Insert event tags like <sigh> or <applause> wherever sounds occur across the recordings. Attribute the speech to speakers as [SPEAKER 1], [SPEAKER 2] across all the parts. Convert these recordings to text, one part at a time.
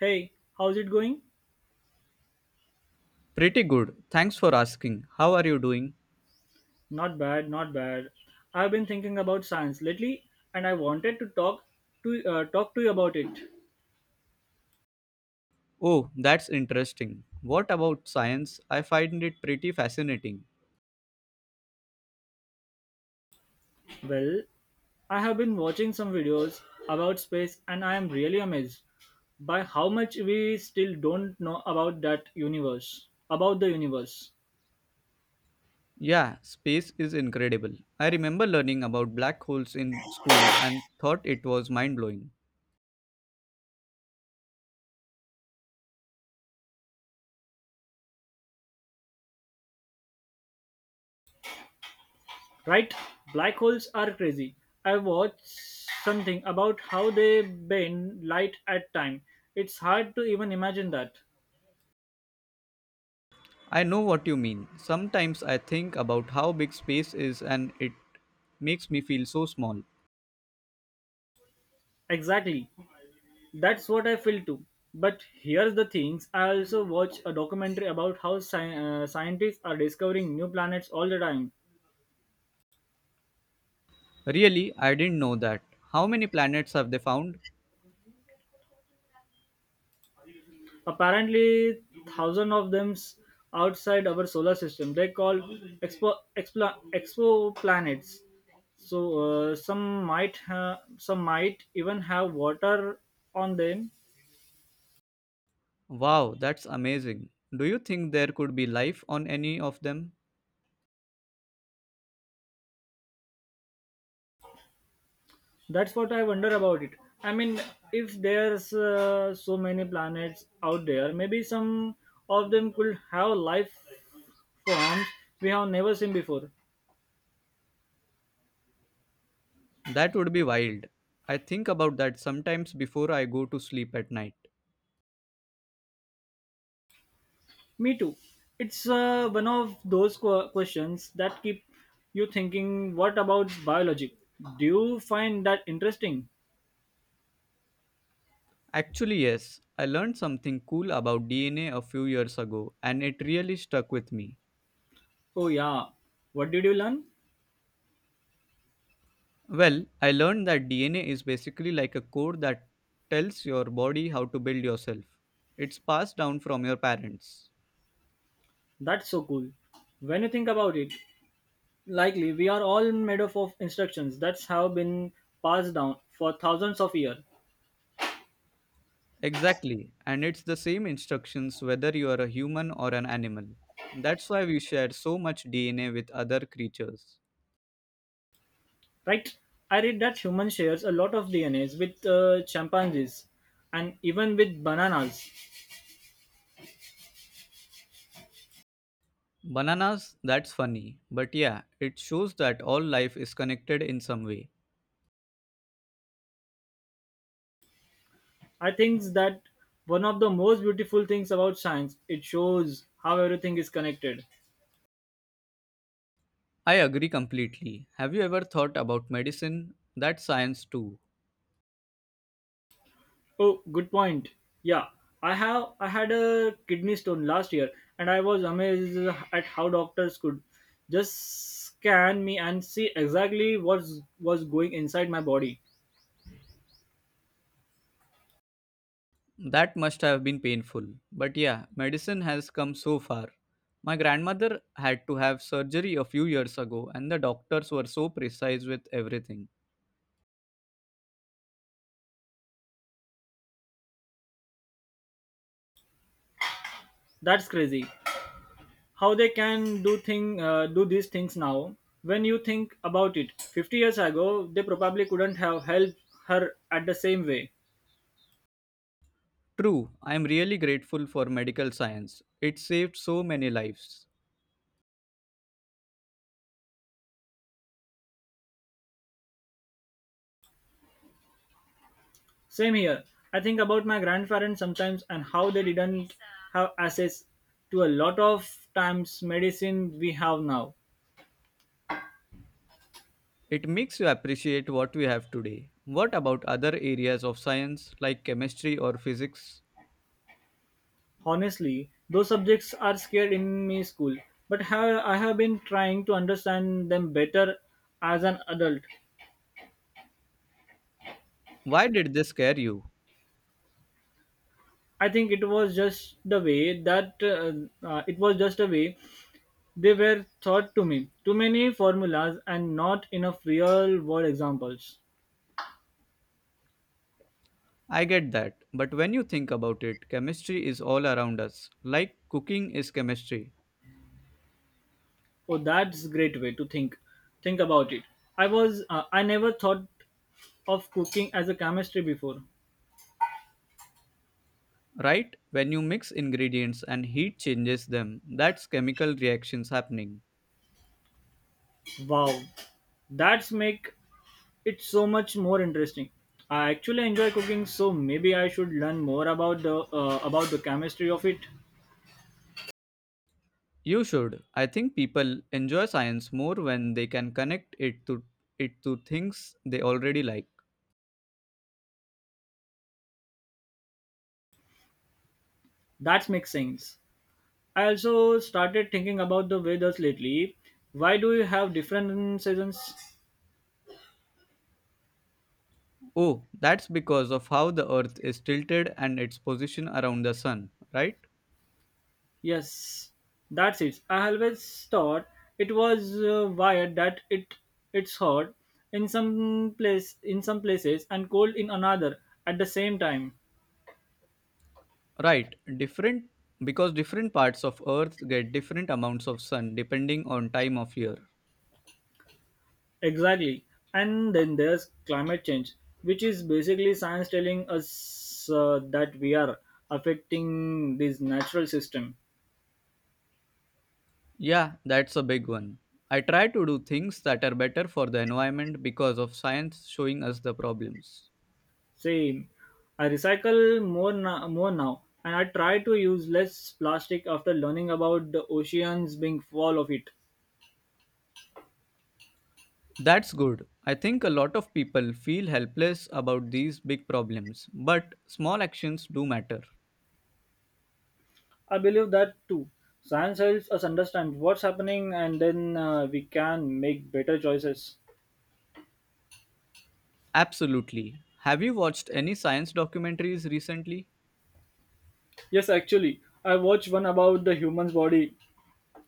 [SPEAKER 1] Hey, how's it going?
[SPEAKER 2] Pretty good. Thanks for asking. How are you doing?
[SPEAKER 1] Not bad, not bad. I've been thinking about science lately and I wanted to talk to you about it.
[SPEAKER 2] Oh, that's interesting. What about science? I find it pretty fascinating.
[SPEAKER 1] Well, I have been watching some videos about space and I am really amazed by how much we still don't know about the universe.
[SPEAKER 2] Yeah, space is incredible. I remember learning about black holes in school and thought it was mind blowing.
[SPEAKER 1] Right? Black holes are crazy. I watched something about how they bend light at time. It's hard to even imagine that.
[SPEAKER 2] I know what you mean. Sometimes I think about how big space is and it makes me feel so small.
[SPEAKER 1] Exactly. That's what I feel too. But here's the things. I also watch a documentary about how scientists are discovering new planets all the time.
[SPEAKER 2] Really, I didn't know that. How many planets have they found?
[SPEAKER 1] Apparently, thousands of them outside our solar system. They call exoplanets. So some some might even have water on them.
[SPEAKER 2] Wow, that's amazing. Do you think there could be life on any of them?
[SPEAKER 1] That's what I wonder about it. I mean, if there's so many planets out there, maybe some of them could have life forms we have never seen before.
[SPEAKER 2] That would be wild. I think about that sometimes before I go to sleep at night.
[SPEAKER 1] Me too. It's one of those questions that keep you thinking. What about biology? Do you find that interesting?
[SPEAKER 2] Actually, yes, I learned something cool about DNA a few years ago and it really stuck with me.
[SPEAKER 1] Oh yeah. What did you learn?
[SPEAKER 2] Well, I learned that DNA is basically like a code that tells your body how to build yourself. It's passed down from your parents.
[SPEAKER 1] That's so cool. When you think about it, likely we are all made up of instructions that have been passed down for thousands of years.
[SPEAKER 2] Exactly, and it's the same instructions whether you are a human or an animal. That's why we share so much DNA with other creatures.
[SPEAKER 1] Right? I read that humans shares a lot of DNAs with chimpanzees and even with bananas.
[SPEAKER 2] Bananas, that's funny. But yeah, it shows that all life is connected in some way.
[SPEAKER 1] I think that one of the most beautiful things about science it shows how everything is connected.
[SPEAKER 2] I agree completely. Have you ever thought about medicine? That's science too.
[SPEAKER 1] Oh, good point. Yeah, I had a kidney stone last year and I was amazed at how doctors could just scan me and see exactly what's was going inside my body.
[SPEAKER 2] That must have been painful. But yeah, medicine has come so far. My grandmother had to have surgery a few years ago, and the doctors were so precise with everything.
[SPEAKER 1] That's crazy, how they can do these things now. When you think about it, 50 years ago they probably couldn't have helped her at the same way.
[SPEAKER 2] True, I am really grateful for medical science. It saved so many lives.
[SPEAKER 1] Same here. I think about my grandparents sometimes and how they didn't have access to a lot of times medicine we have now.
[SPEAKER 2] It makes you appreciate what we have today. What about other areas of science like chemistry or physics?
[SPEAKER 1] Honestly, those subjects are scared in me school, I have been trying to understand them better as an adult.
[SPEAKER 2] Why did they scare you?
[SPEAKER 1] I think it was just the way that it was just a way they were thought to me. "Too many formulas and not enough real-world examples."
[SPEAKER 2] I get that, but when you think about it, chemistry is all around us. Like cooking is chemistry,
[SPEAKER 1] Oh, that's a great way to think. Think about it. I never thought of cooking as a chemistry before.
[SPEAKER 2] right? When you mix ingredients and heat changes them, that's chemical reactions happening.
[SPEAKER 1] Wow, that's make it so much more interesting. I actually enjoy cooking, so maybe I should learn more about the chemistry of it.
[SPEAKER 2] You should. I think people enjoy science more when they can connect it to things they already like.
[SPEAKER 1] That makes sense. I also started thinking about the weathers lately. Why do you have different seasons?
[SPEAKER 2] Oh, that's because of how the Earth is tilted and its position around the Sun, right?
[SPEAKER 1] Yes, that's it. I always thought it was wired that it's hot in some places and cold in another at the same time.
[SPEAKER 2] Right, different because different parts of Earth get different amounts of sun depending on time of year.
[SPEAKER 1] Exactly. And then there's climate change, which is basically science telling us that we are affecting this natural system.
[SPEAKER 2] Yeah, that's a big one. I try to do things that are better for the environment because of science showing us the problems.
[SPEAKER 1] Same. I recycle more now, and I try to use less plastic after learning about the oceans being full of it.
[SPEAKER 2] That's good. I think a lot of people feel helpless about these big problems, but small actions do matter.
[SPEAKER 1] I believe that too. Science helps us understand what's happening, and then we can make better choices.
[SPEAKER 2] Absolutely. Have you watched any science documentaries recently?
[SPEAKER 1] Yes, actually, I watched one about the human's body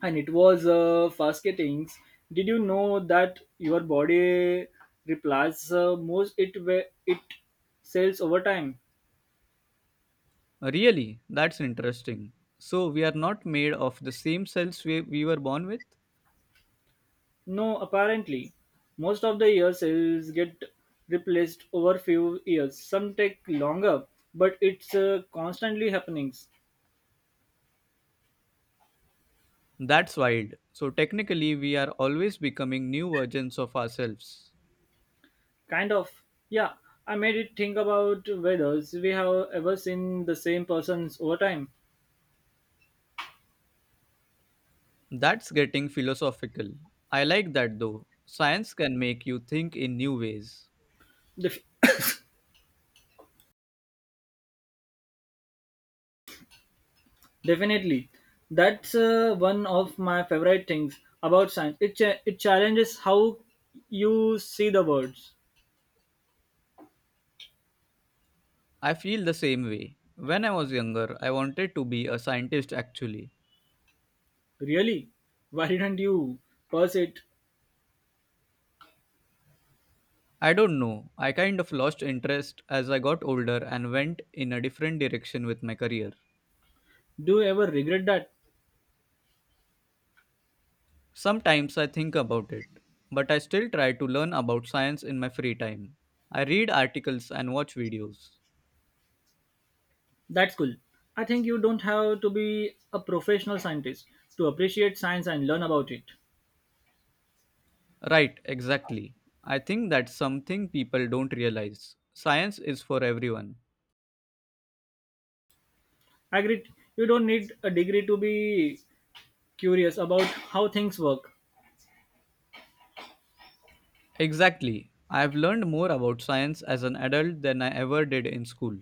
[SPEAKER 1] and it was fascinating. Did you know that your body replies most it where it cells over time?
[SPEAKER 2] Really? That's interesting. So we are not made of the same cells we were born with?
[SPEAKER 1] No, apparently. Most of the year cells get replaced over few years. Some take longer, but it's constantly happening.
[SPEAKER 2] That's wild. So technically, we are always becoming new versions of ourselves.
[SPEAKER 1] Kind of. Yeah, I made it think about whether we have ever seen the same persons over time.
[SPEAKER 2] That's getting philosophical. I like that though. Science can make you think in new ways.
[SPEAKER 1] Def- <coughs> definitely. That's one of my favorite things about science. It challenges how you see the words.
[SPEAKER 2] I feel the same way. When I was younger, I wanted to be a scientist actually.
[SPEAKER 1] Really? Why didn't you purse it?
[SPEAKER 2] I don't know, I kind of lost interest as I got older and went in a different direction with my career.
[SPEAKER 1] Do you ever regret that?
[SPEAKER 2] Sometimes I think about it, but I still try to learn about science in my free time. I read articles and watch videos.
[SPEAKER 1] That's cool. I think you don't have to be a professional scientist to appreciate science and learn about it.
[SPEAKER 2] Right, exactly. I think that's something people don't realize. Science is for everyone.
[SPEAKER 1] I agree. You don't need a degree to be curious about how things work.
[SPEAKER 2] Exactly. I've learned more about science as an adult than I ever did in school,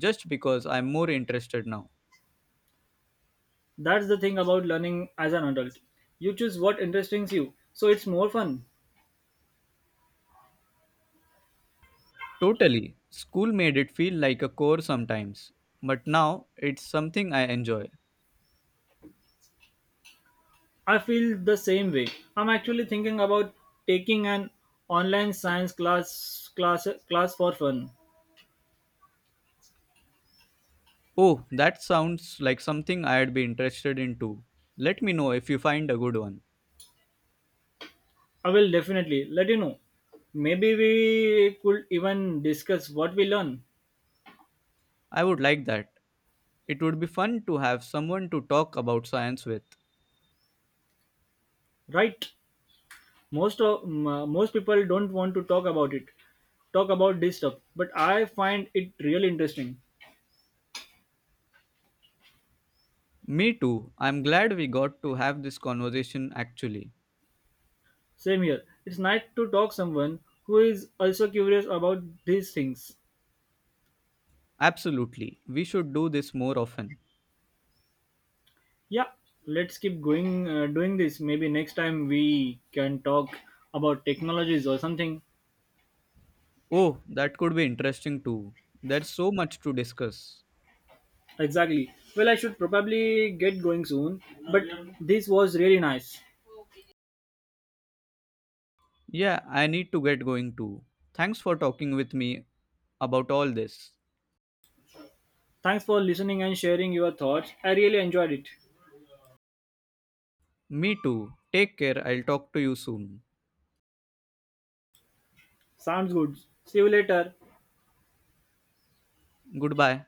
[SPEAKER 2] just because I'm more interested now.
[SPEAKER 1] That's the thing about learning as an adult. You choose what interests you, so it's more fun.
[SPEAKER 2] Totally. School made it feel like a chore sometimes, but now it's something I enjoy.
[SPEAKER 1] I feel the same way. I'm actually thinking about taking an online science class class class for fun.
[SPEAKER 2] Oh, that sounds like something I'd be interested in too. Let me know if you find a good one.
[SPEAKER 1] I will definitely let you know. Maybe we could even discuss what we learn.
[SPEAKER 2] I would like that. It would be fun to have someone to talk about science with.
[SPEAKER 1] Right? Most people don't want to talk about this stuff, but I find it really interesting.
[SPEAKER 2] Me too. I'm glad we got to have this conversation actually.
[SPEAKER 1] Same here. It's nice to talk someone who is also curious about these things.
[SPEAKER 2] Absolutely. We should do this more often.
[SPEAKER 1] Yeah, let's keep going doing this. Maybe next time we can talk about technologies or something.
[SPEAKER 2] Oh, that could be interesting too. There's so much to discuss.
[SPEAKER 1] Exactly. Well, I should probably get going soon, but this was really nice.
[SPEAKER 2] Yeah, I need to get going too. Thanks for talking with me about all this.
[SPEAKER 1] Thanks for listening and sharing your thoughts. I really enjoyed it.
[SPEAKER 2] Me too. Take care. I'll talk to you soon.
[SPEAKER 1] Sounds good. See you later.
[SPEAKER 2] Goodbye.